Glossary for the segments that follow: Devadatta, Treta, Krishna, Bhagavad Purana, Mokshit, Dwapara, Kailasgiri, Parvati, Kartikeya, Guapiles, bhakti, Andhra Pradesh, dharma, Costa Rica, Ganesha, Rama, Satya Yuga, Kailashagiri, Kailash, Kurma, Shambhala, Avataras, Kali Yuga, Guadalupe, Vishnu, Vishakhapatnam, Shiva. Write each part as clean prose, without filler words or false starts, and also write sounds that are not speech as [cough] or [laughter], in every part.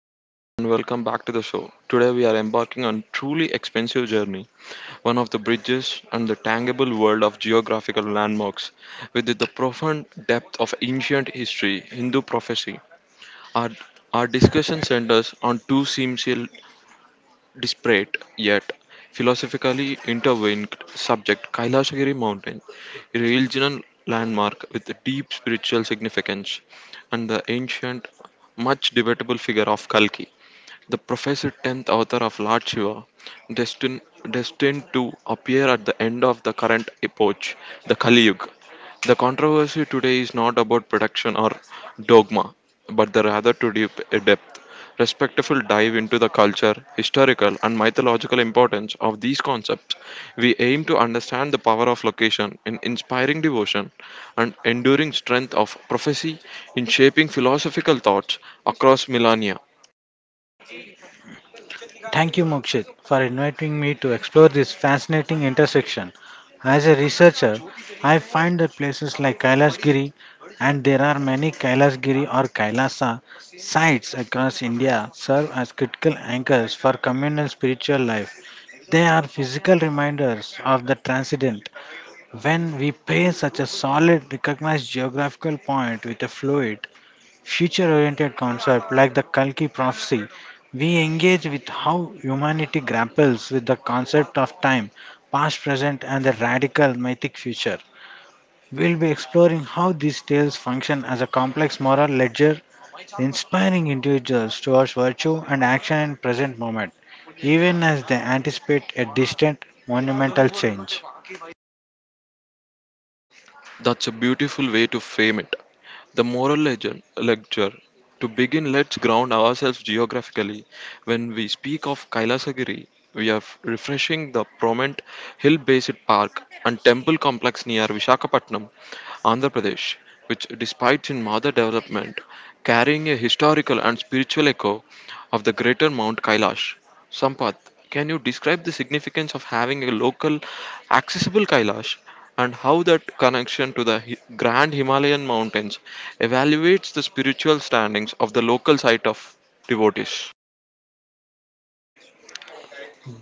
everyone and welcome back to the show. Today we are embarking on truly expensive journey, one of the bridges and the tangible world of geographical landmarks with the profound depth of ancient history, Hindu prophecy. Our, our discussion centers on two seemingly disparate yet philosophically intertwined subject, Kailashagiri mountain, a regional landmark with a deep spiritual significance and the ancient much debatable figure of Kalki. The professor, 10th author of Lord Shiva, destined, destined to appear at the end of the current epoch, the Kali Yuga. The controversy today is not about production or dogma, but the rather to deep a depth, respectful dive into the culture, historical, and mythological importance of these concepts. We aim to understand the power of location in inspiring devotion and enduring strength of prophecy in shaping philosophical thoughts across millennia. Thank you, Mokshit, for inviting me to explore this fascinating intersection. As a researcher, I find that places like Kailasgiri, and there are many Kailasgiri or Kailasa sites across India, serve as critical anchors for communal spiritual life. They are physical reminders of the transcendent. When we pair such a solid, recognized geographical point with a fluid, future oriented concept like the Kalki prophecy, we engage with how humanity grapples with the concept of time, past, present, and the radical mythic future. We'll be exploring how these tales function as a complex moral ledger, inspiring individuals towards virtue and action in present moment, even as they anticipate a distant monumental change. That's a beautiful way to frame it. The moral legend, lecture. To begin, let's ground ourselves geographically. When we speak of Kailasagiri, we are refreshing the prominent hill based park and temple complex near Visakhapatnam, Andhra Pradesh, which, despite its mother development, carrying a historical and spiritual echo of the greater Mount Kailash. Sampath, can you describe the significance of having a local, accessible Kailash and how that connection to the grand Himalayan mountains evaluates the spiritual standings of the local site of devotees?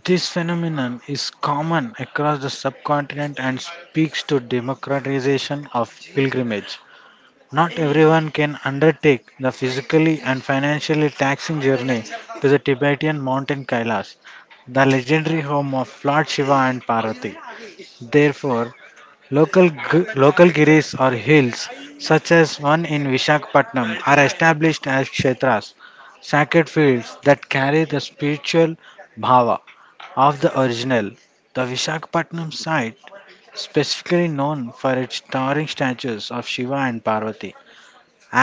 This phenomenon is common across the subcontinent and speaks to democratization of pilgrimage. Not everyone can undertake the physically and financially taxing journey to the Tibetan mountain Kailash, the legendary home of Lord Shiva and Parvati. Therefore, local giris or hills, such as one in Vishakhapatnam, are established as kshetras, sacred fields that carry the spiritual bhava of the original. The Vishakhapatnam site, specifically known for its towering statues of Shiva and Parvati,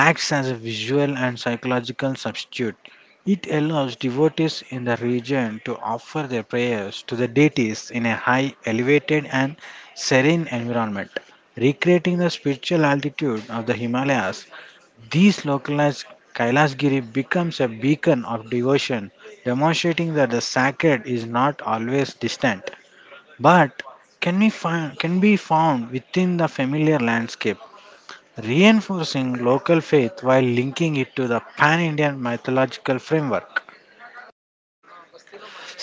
acts as a visual and psychological substitute. It allows devotees in the region to offer their prayers to the deities in a high, elevated, and serene environment, recreating the spiritual altitude of the Himalayas. These localized Kailasgiri becomes a beacon of devotion, demonstrating that the sacred is not always distant, but can be found within the familiar landscape reinforcing local faith while linking it to the pan Indian mythological framework.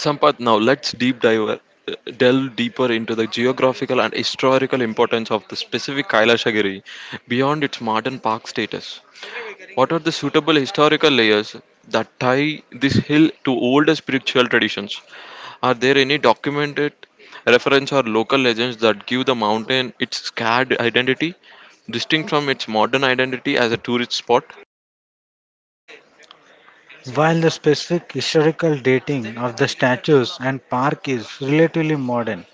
Sampath, now let's deep dive, delve deeper into the geographical and historical importance of the specific Kailashagiri beyond its modern park status. What are the suitable historical layers that tie this hill to older spiritual traditions? Are there any documented reference or local legends that give the mountain its scared identity, distinct from its modern identity as a tourist spot? While the specific historical dating of the statues and park is relatively modern,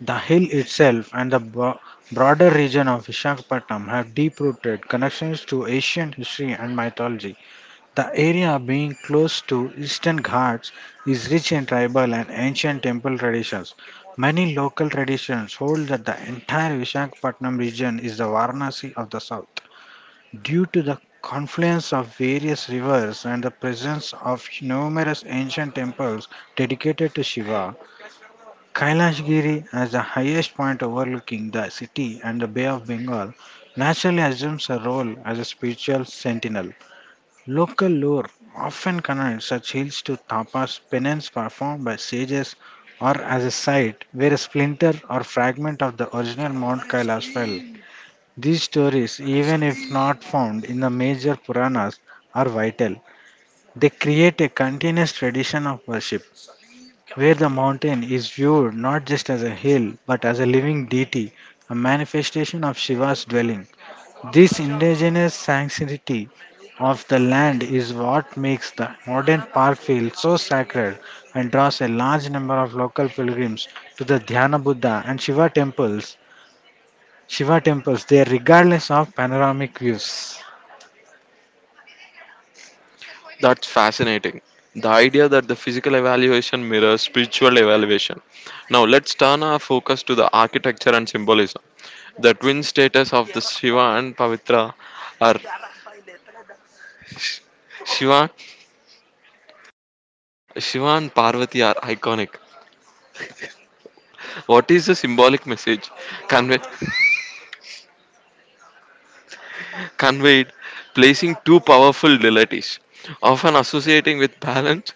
the hill itself and the broader region of Vishakhapatnam have deep rooted connections to ancient history and mythology. The area, being close to eastern Ghats, is rich in tribal and ancient temple traditions. Many local traditions hold that the entire Visakhapatnam region is the Varanasi of the south. Due to the confluence of various rivers and the presence of numerous ancient temples dedicated to Shiva, Kailashgiri, as the highest point overlooking the city and the Bay of Bengal, naturally assumes a role as a spiritual sentinel. Local lore often connects such hills to tapas, penance performed by sages, or as a site where a splinter or fragment of the original Mount Kailash fell. These stories, even if not found in the major Puranas, are vital. They create a continuous tradition of worship where the mountain is viewed not just as a hill but as a living deity, a manifestation of Shiva's dwelling. This indigenous sanctity of the land is what makes the modern park feel so sacred and draws a large number of local pilgrims to the Dhyana Buddha and Shiva temples. Shiva temples there regardless of panoramic views. That's fascinating. The idea that the physical evaluation mirrors spiritual evaluation. Now let's turn our focus to the architecture and symbolism. The twin status of the Shiva and Pavitra are Shiva, Shiva and Parvati are iconic. What is the symbolic message conveyed? conveyed, placing two powerful deities, often associating with balance.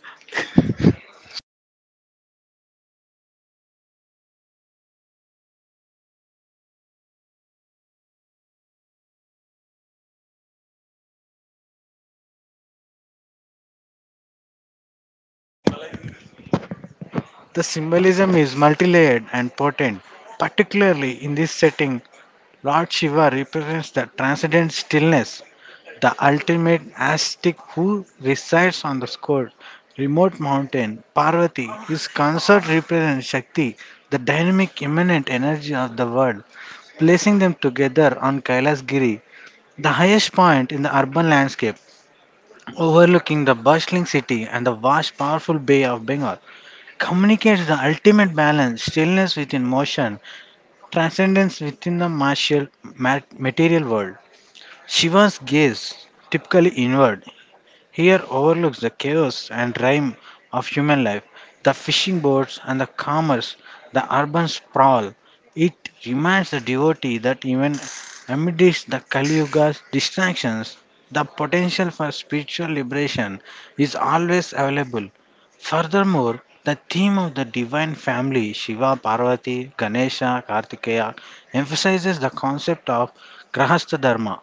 The symbolism is multi-layered and potent. Particularly in this setting, Lord Shiva represents the transcendent stillness the ultimate ascetic who resides on the score. Remote mountain, Parvati, his consort represents Shakti, the dynamic immanent energy of the world, placing them together on Kailas Giri, the highest point in the urban landscape, overlooking the bustling city and the vast powerful bay of Bengal, communicates the ultimate balance, stillness within motion, transcendence within the material world. Shiva's gaze, typically inward, here overlooks the chaos and rhyme of human life, the fishing boats and the commerce, the urban sprawl. It reminds the devotee that even amidst the Kali Yuga's distractions, the potential for spiritual liberation is always available. Furthermore, the theme of the divine family Shiva, Parvati, Ganesha, Kartikeya emphasizes the concept of Grahastha Dharma,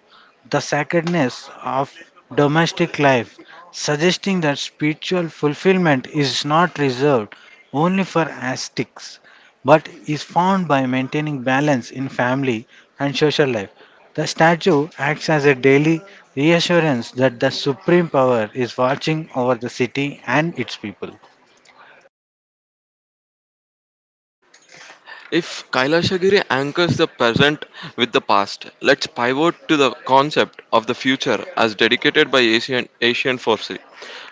the sacredness of domestic life suggesting that spiritual fulfillment is not reserved only for ascetics but is found by maintaining balance in family and social life. The statue acts as a daily reassurance that the supreme power is watching over the city and its people. If Kailashagiri anchors the present with the past, let's pivot to the concept of the future as dedicated by Asian forces.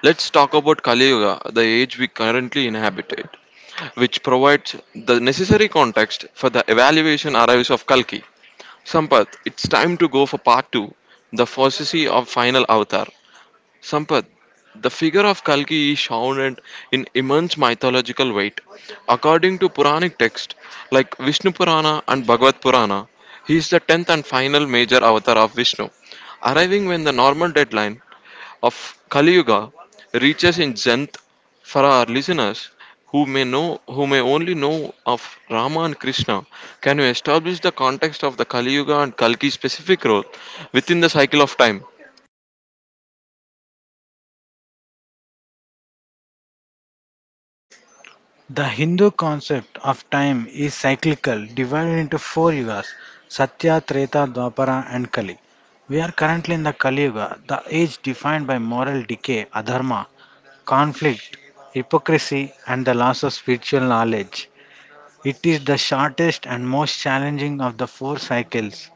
Let's talk about Kali Yuga, the age we currently inhabit, which provides the necessary context for the evaluation arrives of Kalki. Sampath, it's time to go for part two, the prophecy of final avatar. Sampath, the figure of Kalki is shrouded in immense mythological weight. According to Puranic texts like Vishnu Purana and Bhagavad Purana, he is the tenth and final major avatar of Vishnu, arriving when the normal deadline of Kali Yuga reaches in Janth. For our listeners who may know, who may only know of Rama and Krishna, can you establish the context of the Kali Yuga and Kalki's specific role within the cycle of time? The Hindu concept of time is cyclical, divided into four yugas Satya, Treta, Dwapara, and Kali. We are currently in the Kali Yuga, the age defined by moral decay, adharma, conflict, hypocrisy, and the loss of spiritual knowledge. It is the shortest and most challenging of the four cycles.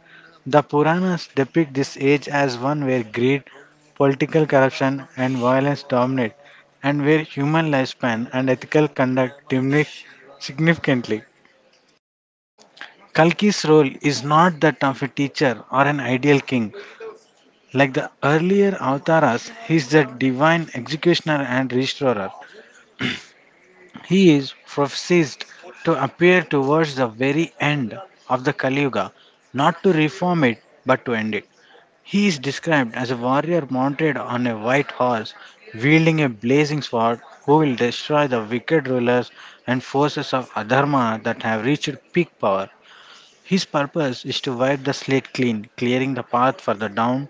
The Puranas depict this age as one where greed, political corruption, and violence dominate, and where human lifespan and ethical conduct diminish significantly. Kalki's role is not that of a teacher or an ideal king. Like the earlier Avataras, he is the divine executioner and restorer. He is prophesied to appear towards the very end of the Kali Yuga, not to reform it, but to end it. He is described as a warrior mounted on a white horse, wielding a blazing sword, who will destroy the wicked rulers and forces of Adharma that have reached peak power. His purpose is to wipe the slate clean, clearing the path for the down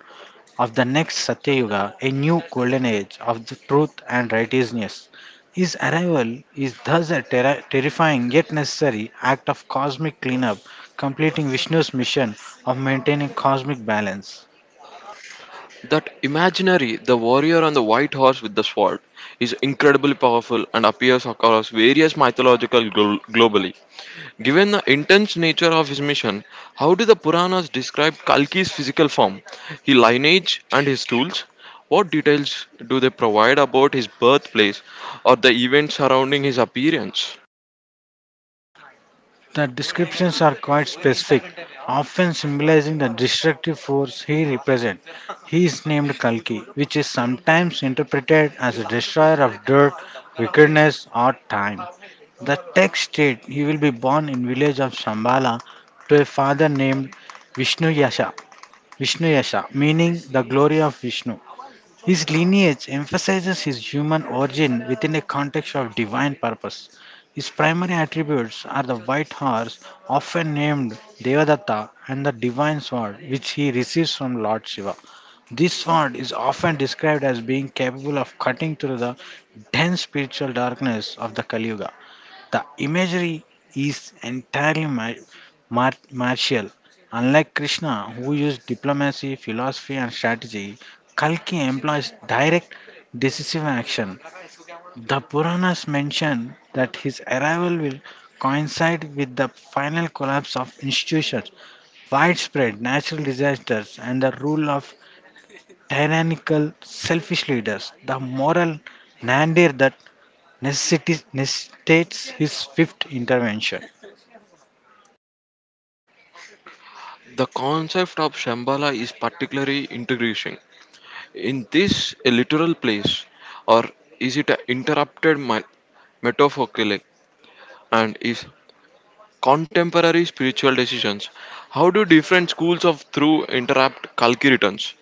of the next Satya Yuga, a new golden age of the truth and righteousness. His arrival is thus a terrifying yet necessary act of cosmic cleanup, completing Vishnu's mission of maintaining cosmic balance. That imaginary, the warrior on the white horse with the sword, is incredibly powerful and appears across various mythological globally. Given the intense nature of his mission, how do the Puranas describe Kalki's physical form, his lineage, and his tools? What details do they provide about his birthplace or the events surrounding his appearance? The descriptions are quite specific, often symbolizing the destructive force he represents. He is named Kalki, which is sometimes interpreted as a destroyer of dirt, wickedness, or time. The text states he will be born in village of Shambhala to a father named Vishnu Yasha, Vishnu Yasha, meaning the glory of Vishnu. His lineage emphasizes his human origin within a context of divine purpose. His primary attributes are the white horse, often named Devadatta, and the divine sword, which he receives from Lord Shiva. This sword is often described as being capable of cutting through the dense spiritual darkness of the Kali Yuga. The imagery is entirely martial. Unlike Krishna, who used diplomacy, philosophy, and strategy, Kalki employs direct, decisive action. The Puranas mention that his arrival will coincide with the final collapse of institutions, widespread natural disasters, and the rule of tyrannical, selfish leaders. The moral nadir that necessitates his fifth intervention. The concept of Shambhala is particularly intriguing. In this a literal place, or is it an interrupted my, metaphorical? And is contemporary spiritual decisions? How do different schools of thought interrupt Kalki returns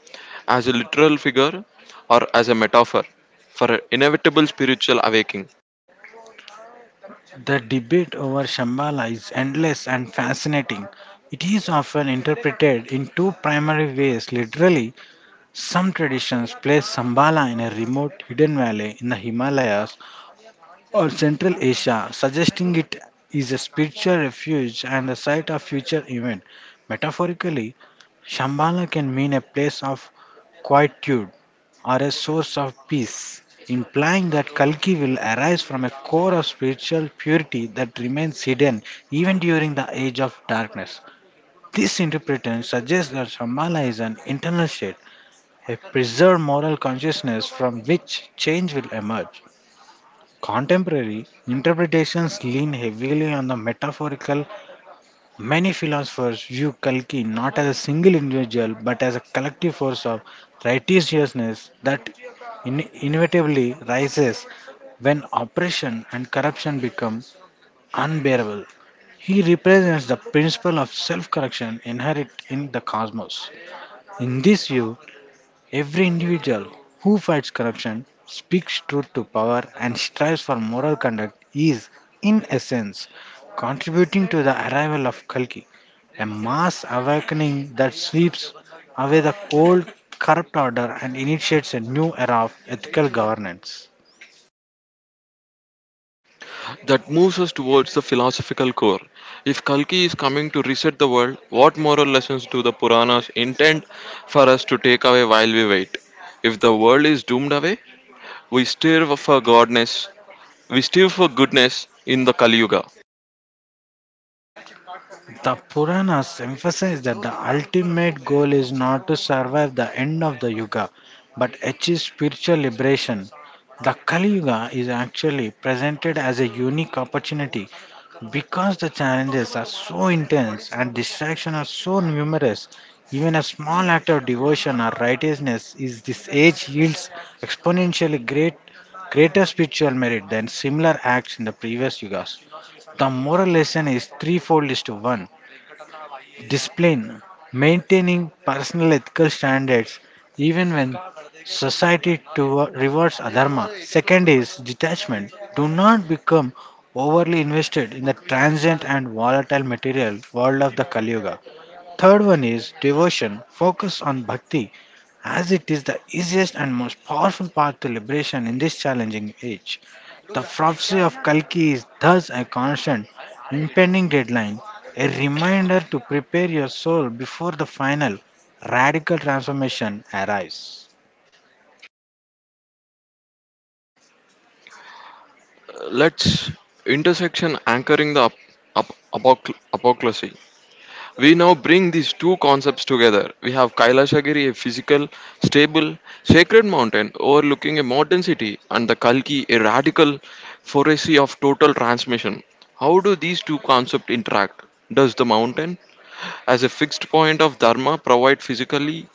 as a literal figure or as a metaphor for an inevitable spiritual awakening? The debate over Shambhala is endless and fascinating. It is often interpreted in two primary ways. Literally, some traditions place Shambhala in a remote hidden valley in the Himalayas or Central Asia, suggesting it is a spiritual refuge and the site of future event. Metaphorically, Shambhala can mean a place of quietude are a source of peace, implying that Kalki will arise from a core of spiritual purity that remains hidden even during the age of darkness. This interpretation suggests that Shambhala is an internal state, a preserved moral consciousness from which change will emerge. Contemporary interpretations lean heavily on the metaphorical Many philosophers view Kalki not as a single individual but as a collective force of righteousness that inevitably rises when oppression and corruption become unbearable. He represents the principle of self correction inherent in the cosmos. In this view, Every individual who fights corruption, speaks truth to power, and strives for moral conduct is, in essence, contributing to the arrival of Kalki, a mass awakening that sweeps away the old corrupt order and initiates a new era of ethical governance. That moves us towards the philosophical core. If Kalki is coming to reset the world, what moral lessons do the Puranas intend for us to take away while we wait? If the world is doomed away, we stir for godness. We stir for goodness in the Kali Yuga. The Puranas emphasize that the ultimate goal is not to survive the end of the Yuga, but achieve spiritual liberation. The Kali Yuga is actually presented as a unique opportunity because the challenges are so intense and distractions are so numerous. Even a small act of devotion or righteousness is this age yields exponentially greater spiritual merit than similar acts in the previous yugas. The moral lesson is threefold is to one discipline, maintaining personal ethical standards even when society to rewards adharma. Second is detachment. Do not become overly invested in the transient and volatile material world of the Kali Yuga. Third one is devotion. Focus on bhakti as it is the easiest and most powerful path to liberation in this challenging age. The prophecy of Kalki is thus a constant, impending deadline, a reminder to prepare your soul before the final, radical transformation arrives. Let's intersection anchoring the apocalypse. We now bring these two concepts together. We have Kailashagiri, a physical, stable, sacred mountain overlooking a modern city, and the Kalki, a radical forestry of total transmission. How do these two concepts interact? Does the mountain as a fixed point of dharma provide physically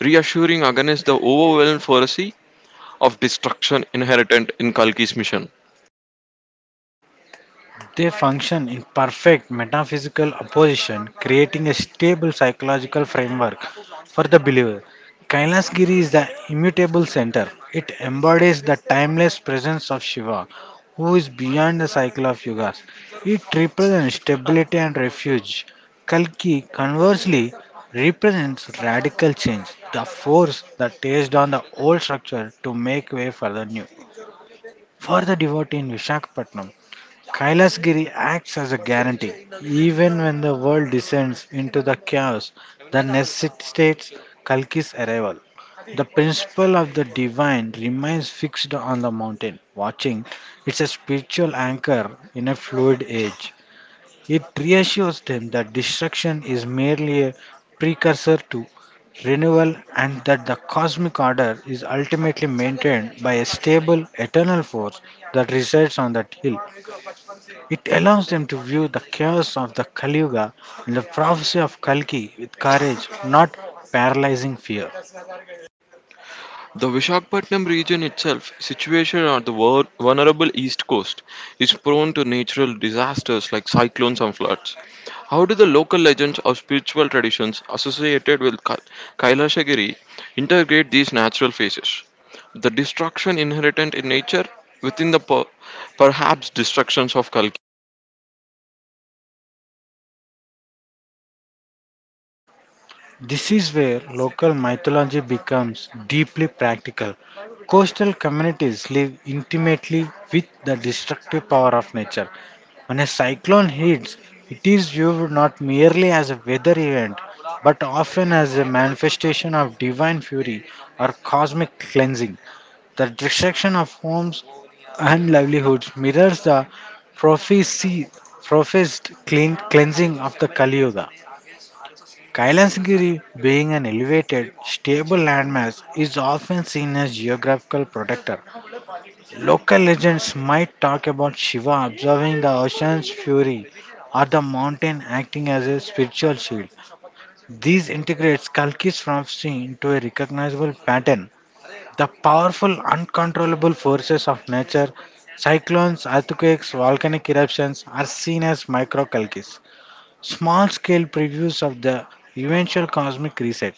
reassuring against the overwhelming foresee of destruction inherent in Kalki's mission. They function in perfect metaphysical opposition, creating a stable psychological framework for the believer. Kailas Giri is the immutable center. It embodies the timeless presence of Shiva, who is beyond the cycle of yugas. It represents stability and refuge. Kalki, conversely, represents radical change, the force that tears down the old structure to make way for the new. For the devotee in Vishakhapatnam, Kailasgiri acts as a guarantee. Even when the world descends into the chaos that necessitates Kalki's arrival, the principle of the divine remains fixed on the mountain. Watching, it's a spiritual anchor in a fluid age. It reassures them that destruction is merely a precursor to renewal and that the cosmic order is ultimately maintained by a stable, eternal force that resides on that hill. It allows them to view the chaos of the Kali Yuga and the prophecy of Kalki with courage, not paralyzing fear. The Vishakhapatnam region itself, situated on the vulnerable east coast, is prone to natural disasters like cyclones and floods. How do the local legends or spiritual traditions associated with Kailashagiri integrate these natural phases? The destruction inherent in nature within the perhaps destructions of Kalki. This is where local mythology becomes deeply practical. Coastal communities live intimately with the destructive power of nature. When a cyclone hits, it is viewed not merely as a weather event, but often as a manifestation of divine fury or cosmic cleansing. The destruction of homes and livelihoods mirrors the prophecy, professed clean, cleansing of the Kali Yuga. Kailasgiri, being an elevated, stable landmass, is often seen as geographical protector. Local legends might talk about Shiva observing the ocean's fury or the mountain acting as a spiritual shield. These integrates Kalki's prophecy into a recognizable pattern the powerful, uncontrollable forces of nature, cyclones, earthquakes, volcanic eruptions, are seen as microcalques, small scale previews of the eventual cosmic reset.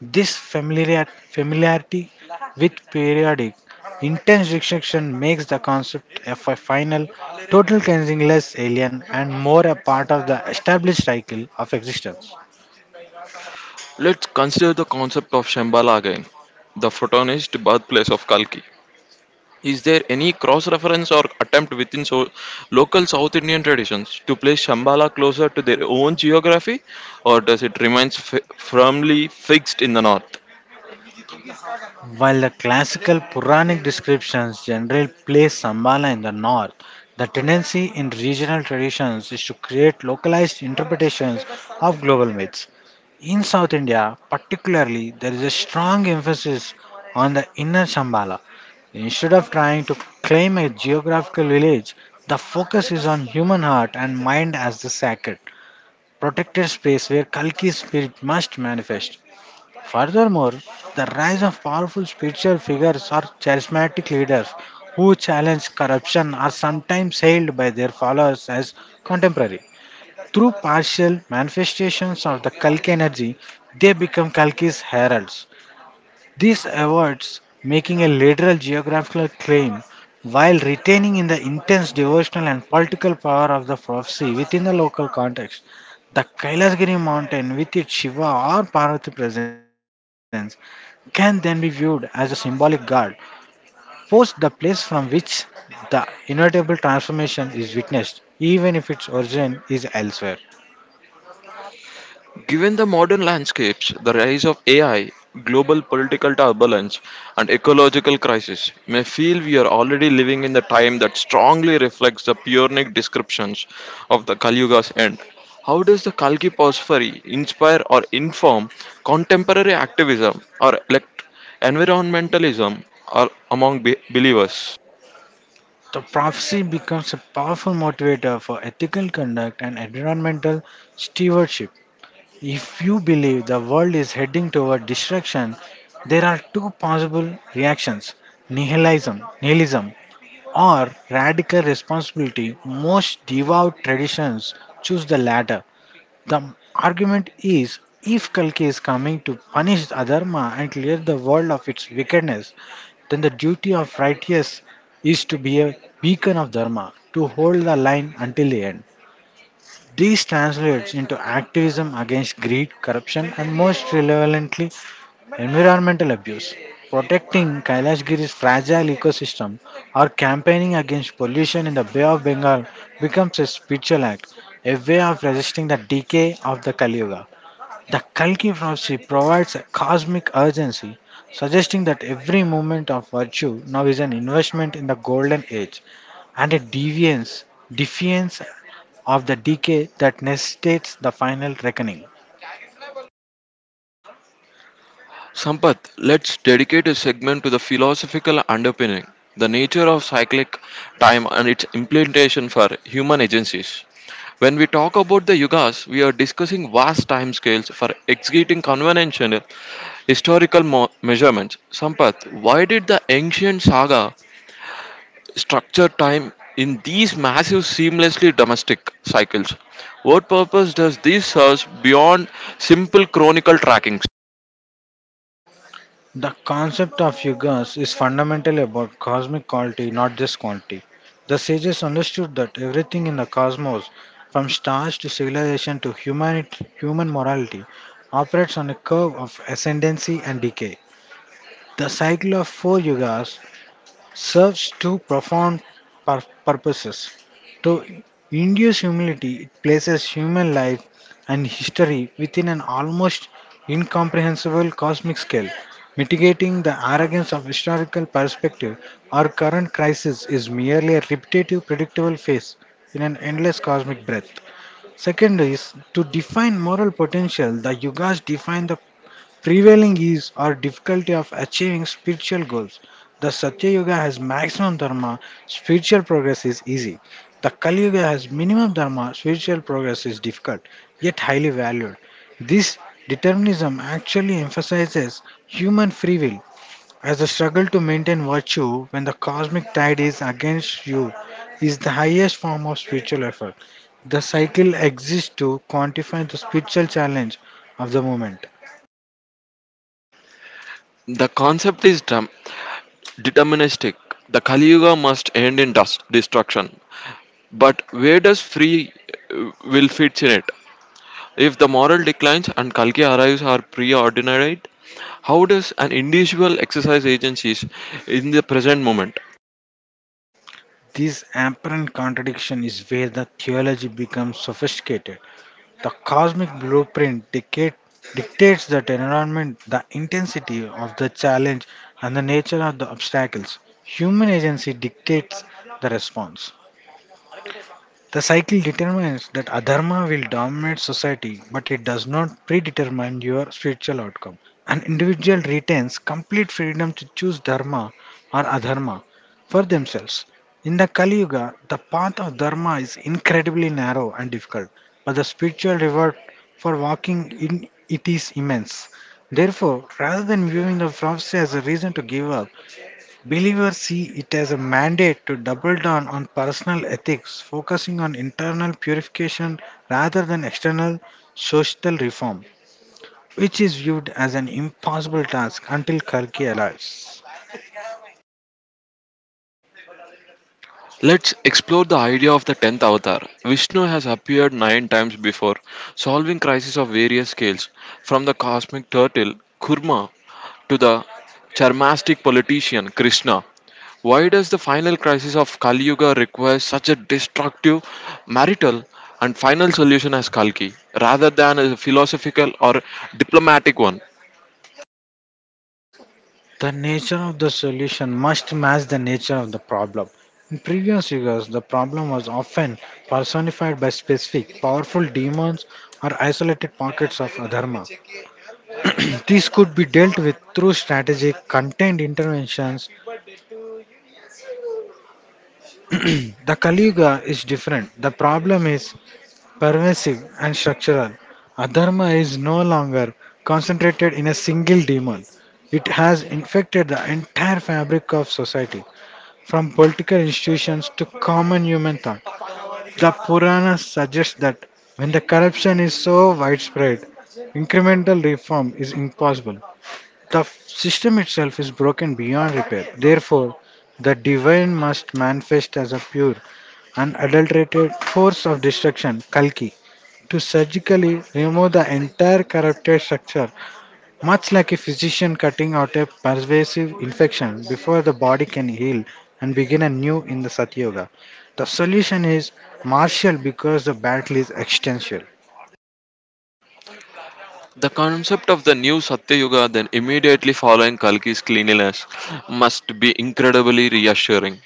This familiarity with periodic, intense restriction makes the concept of a final, total cleansing less alien and more a part of the established cycle of existence. Let's consider the concept of Shambhala again, the Photonist birthplace of Kalki. Is there any cross reference or attempt within local South Indian traditions to place Shambhala closer to their own geography, or does it remain firmly fixed in the north? While the classical Puranic descriptions generally place Sambala in the north, the tendency in regional traditions is to create localized interpretations of global myths. In South India, particularly, there is a strong emphasis on the inner Sambala. Instead of trying to claim a geographical village, the focus is on human heart and mind as the sacred, protected space where Kalki's spirit must manifest. Furthermore, the rise of powerful spiritual figures or charismatic leaders who challenge corruption are sometimes hailed by their followers as contemporary. Through partial manifestations of the Kalki energy, they become Kalki's heralds. This avoids making a literal geographical claim while retaining in the intense devotional and political power of the prophecy within the local context. The Kailasgiri mountain with its Shiva or Parvati presence can then be viewed as a symbolic god, post the place from which the inevitable transformation is witnessed, even if its origin is elsewhere. Given the modern landscapes, the rise of AI, global political turbulence, and ecological crisis may feel we are already living in the time that strongly reflects the Puranic descriptions of the Kali Yuga's end. How does the Kalki Pausfari inspire or inform contemporary activism or elect environmentalism or among believers? The prophecy becomes a powerful motivator for ethical conduct and environmental stewardship. If you believe the world is heading toward destruction, there are two possible reactions nihilism or radical responsibility. Most devout traditions choose the latter. The argument is if Kalki is coming to punish the Adharma and clear the world of its wickedness, then the duty of righteous is to be a beacon of Dharma, to hold the line until the end. This translates into activism against greed, corruption, and most relevantly, environmental abuse. Protecting Kailashgiri's fragile ecosystem or campaigning against pollution in the Bay of Bengal becomes a spiritual act, a way of resisting the decay of the Kali Yuga. The Kalki prophecy provides a cosmic urgency, suggesting that every moment of virtue now is an investment in the golden age and a defiance of the decay that necessitates the final reckoning. Sampath, let's dedicate a segment to the philosophical underpinning, the nature of cyclic time and its implementation for human agencies. When we talk about the yugas, we are discussing vast time scales for executing conventional historical measurements. Sampath, why did the ancient saga structure time in these massive, seamlessly domestic cycles? What purpose does this serve beyond simple chronicle trackings? The concept of yugas is fundamentally about cosmic quality, not just quantity. The sages understood that everything in the cosmos, from stars to civilization to humanity, human morality, operates on a curve of ascendancy and decay. The cycle of four yugas serves two profound purposes. To induce humility, it places human life and history within an almost incomprehensible cosmic scale. Mitigating the arrogance of historical perspective, our current crisis is merely a repetitive, predictable phase in an endless cosmic breath. Second is to define moral potential. The yugas define the prevailing is or difficulty of achieving spiritual goals. The Satya Yuga has maximum dharma, spiritual progress is easy. The Kali Yuga has minimum dharma, spiritual progress is difficult, yet highly valued. This determinism actually emphasizes human free will as the struggle to maintain virtue when the cosmic tide is against you is the highest form of spiritual effort. The cycle exists to quantify the spiritual challenge of the moment. The concept is dumb, deterministic. The Kali Yuga must end in dust, destruction. But where does free will fit in it? If the moral declines and Kalki arrives are preordinate, how does an individual exercise agencies in the present moment? This apparent contradiction is where the theology becomes sophisticated. The cosmic blueprint dictates the environment, the intensity of the challenge, and the nature of the obstacles. Human agency dictates the response. The cycle determines that adharma will dominate society, but it does not predetermine your spiritual outcome. An individual retains complete freedom to choose dharma or adharma for themselves. In the Kali Yuga, the path of dharma is incredibly narrow and difficult, but the spiritual reward for walking in it is immense. Therefore, rather than viewing the prophecy as a reason to give up, believers see it as a mandate to double down on personal ethics, focusing on internal purification rather than external social reform, which is viewed as an impossible task until Kalki arrives. Let's explore the idea of the 10th avatar. Vishnu has appeared nine times before, solving crises of various scales, from the cosmic turtle Kurma to the charmastic politician Krishna. Why does the final crisis of Kali Yuga require such a destructive, marital, and final solution as Kalki, rather than a philosophical or diplomatic one? The nature of the solution must match the nature of the problem. In previous years, the problem was often personified by specific, powerful demons or isolated pockets of adharma. [clears throat] These could be dealt with through strategic, contained interventions. [clears throat] The Kaliuga is different. The problem is pervasive and structural. Adharma is no longer concentrated in a single demon. It has infected the entire fabric of society, from political institutions to common human thought. The Puranas suggest that when the corruption is so widespread, incremental reform is impossible. The system itself is broken beyond repair. Therefore, the divine must manifest as a pure unadulterated force of destruction, Kalki, to surgically remove the entire corrupted structure, much like a physician cutting out a pervasive infection before the body can heal and begin anew in the Satyoga. The solution is martial because the battle is existential. The concept of the new Satya Yuga then immediately following Kalki's cleanliness must be incredibly reassuring.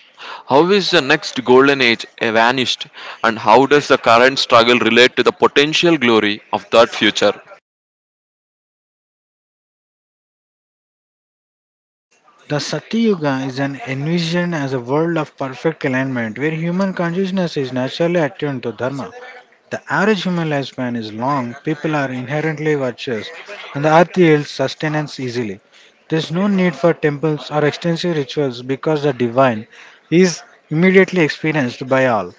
How is the next golden age vanished and how does the current struggle relate to the potential glory of that future? The Satyuga is an envisioned as a world of perfect alignment where human consciousness is naturally attuned to dharma. The average human lifespan is long, people are inherently virtuous, and the earth yields sustenance easily. There is no need for temples or extensive rituals because the divine is immediately experienced by all.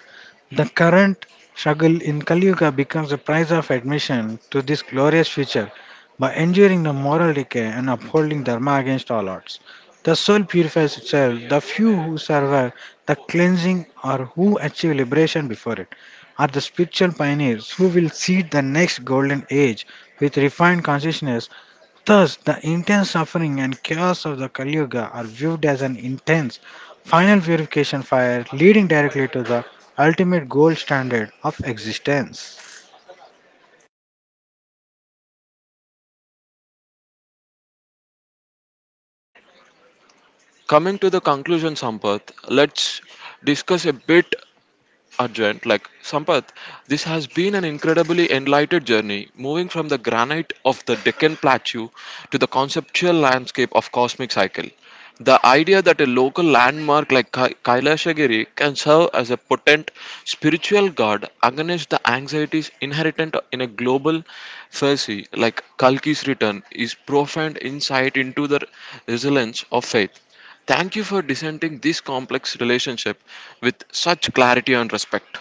The current struggle in Kali Yuga becomes the price of admission to this glorious future by enduring the moral decay and upholding dharma against all odds. The soul purifies itself. The few who survive the cleansing or who achieve liberation before it are the spiritual pioneers who will seed the next golden age with refined consciousness. Thus, the intense suffering and chaos of the Kali Yuga are viewed as an intense final purification fire leading directly to the ultimate gold standard of existence. Coming to the conclusion, Sampath, let's discuss a bit urgent, like Sampath, this has been an incredibly enlightened journey, moving from the granite of the Deccan Plateau to the conceptual landscape of cosmic cycle. The idea that a local landmark like Kailashagiri can serve as a potent spiritual guard against the anxieties inherent in a global fallacy like Kalki's return is profound insight into the resilience of faith. Thank you for dissenting this complex relationship with such clarity and respect.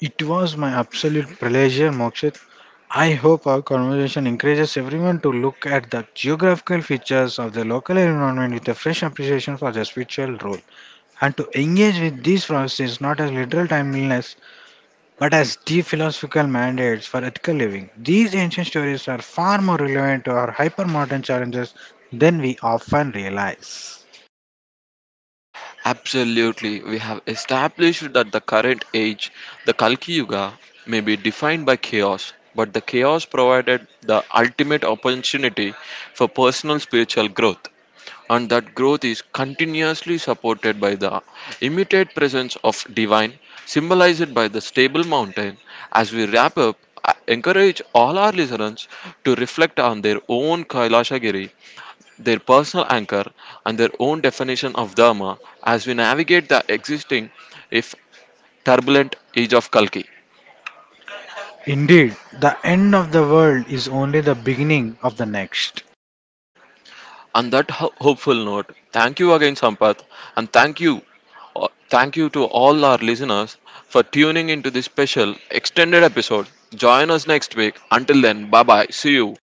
It was my absolute pleasure, Mokshit. I hope our conversation encourages everyone to look at the geographical features of the local environment with a fresh appreciation for their spiritual role and to engage with these processes not as literal timeliness but as deep philosophical mandates for ethical living. These ancient stories are far more relevant to our hypermodern challenges than we often realize. Absolutely, we have established that the current age, the Kalki Yuga, may be defined by chaos, but the chaos provided the ultimate opportunity for personal spiritual growth, and that growth is continuously supported by the immediate presence of divine, symbolized by the stable mountain. As we wrap up, I encourage all our listeners to reflect on their own Kailashagiri, their personal anchor, and their own definition of Dharma as we navigate the existing, if turbulent, age of Kalki. Indeed, the end of the world is only the beginning of the next. On that hopeful note, thank you again, Sampath, and thank you to all our listeners for tuning into this special extended episode. Join us next week. Until then, bye bye. See you.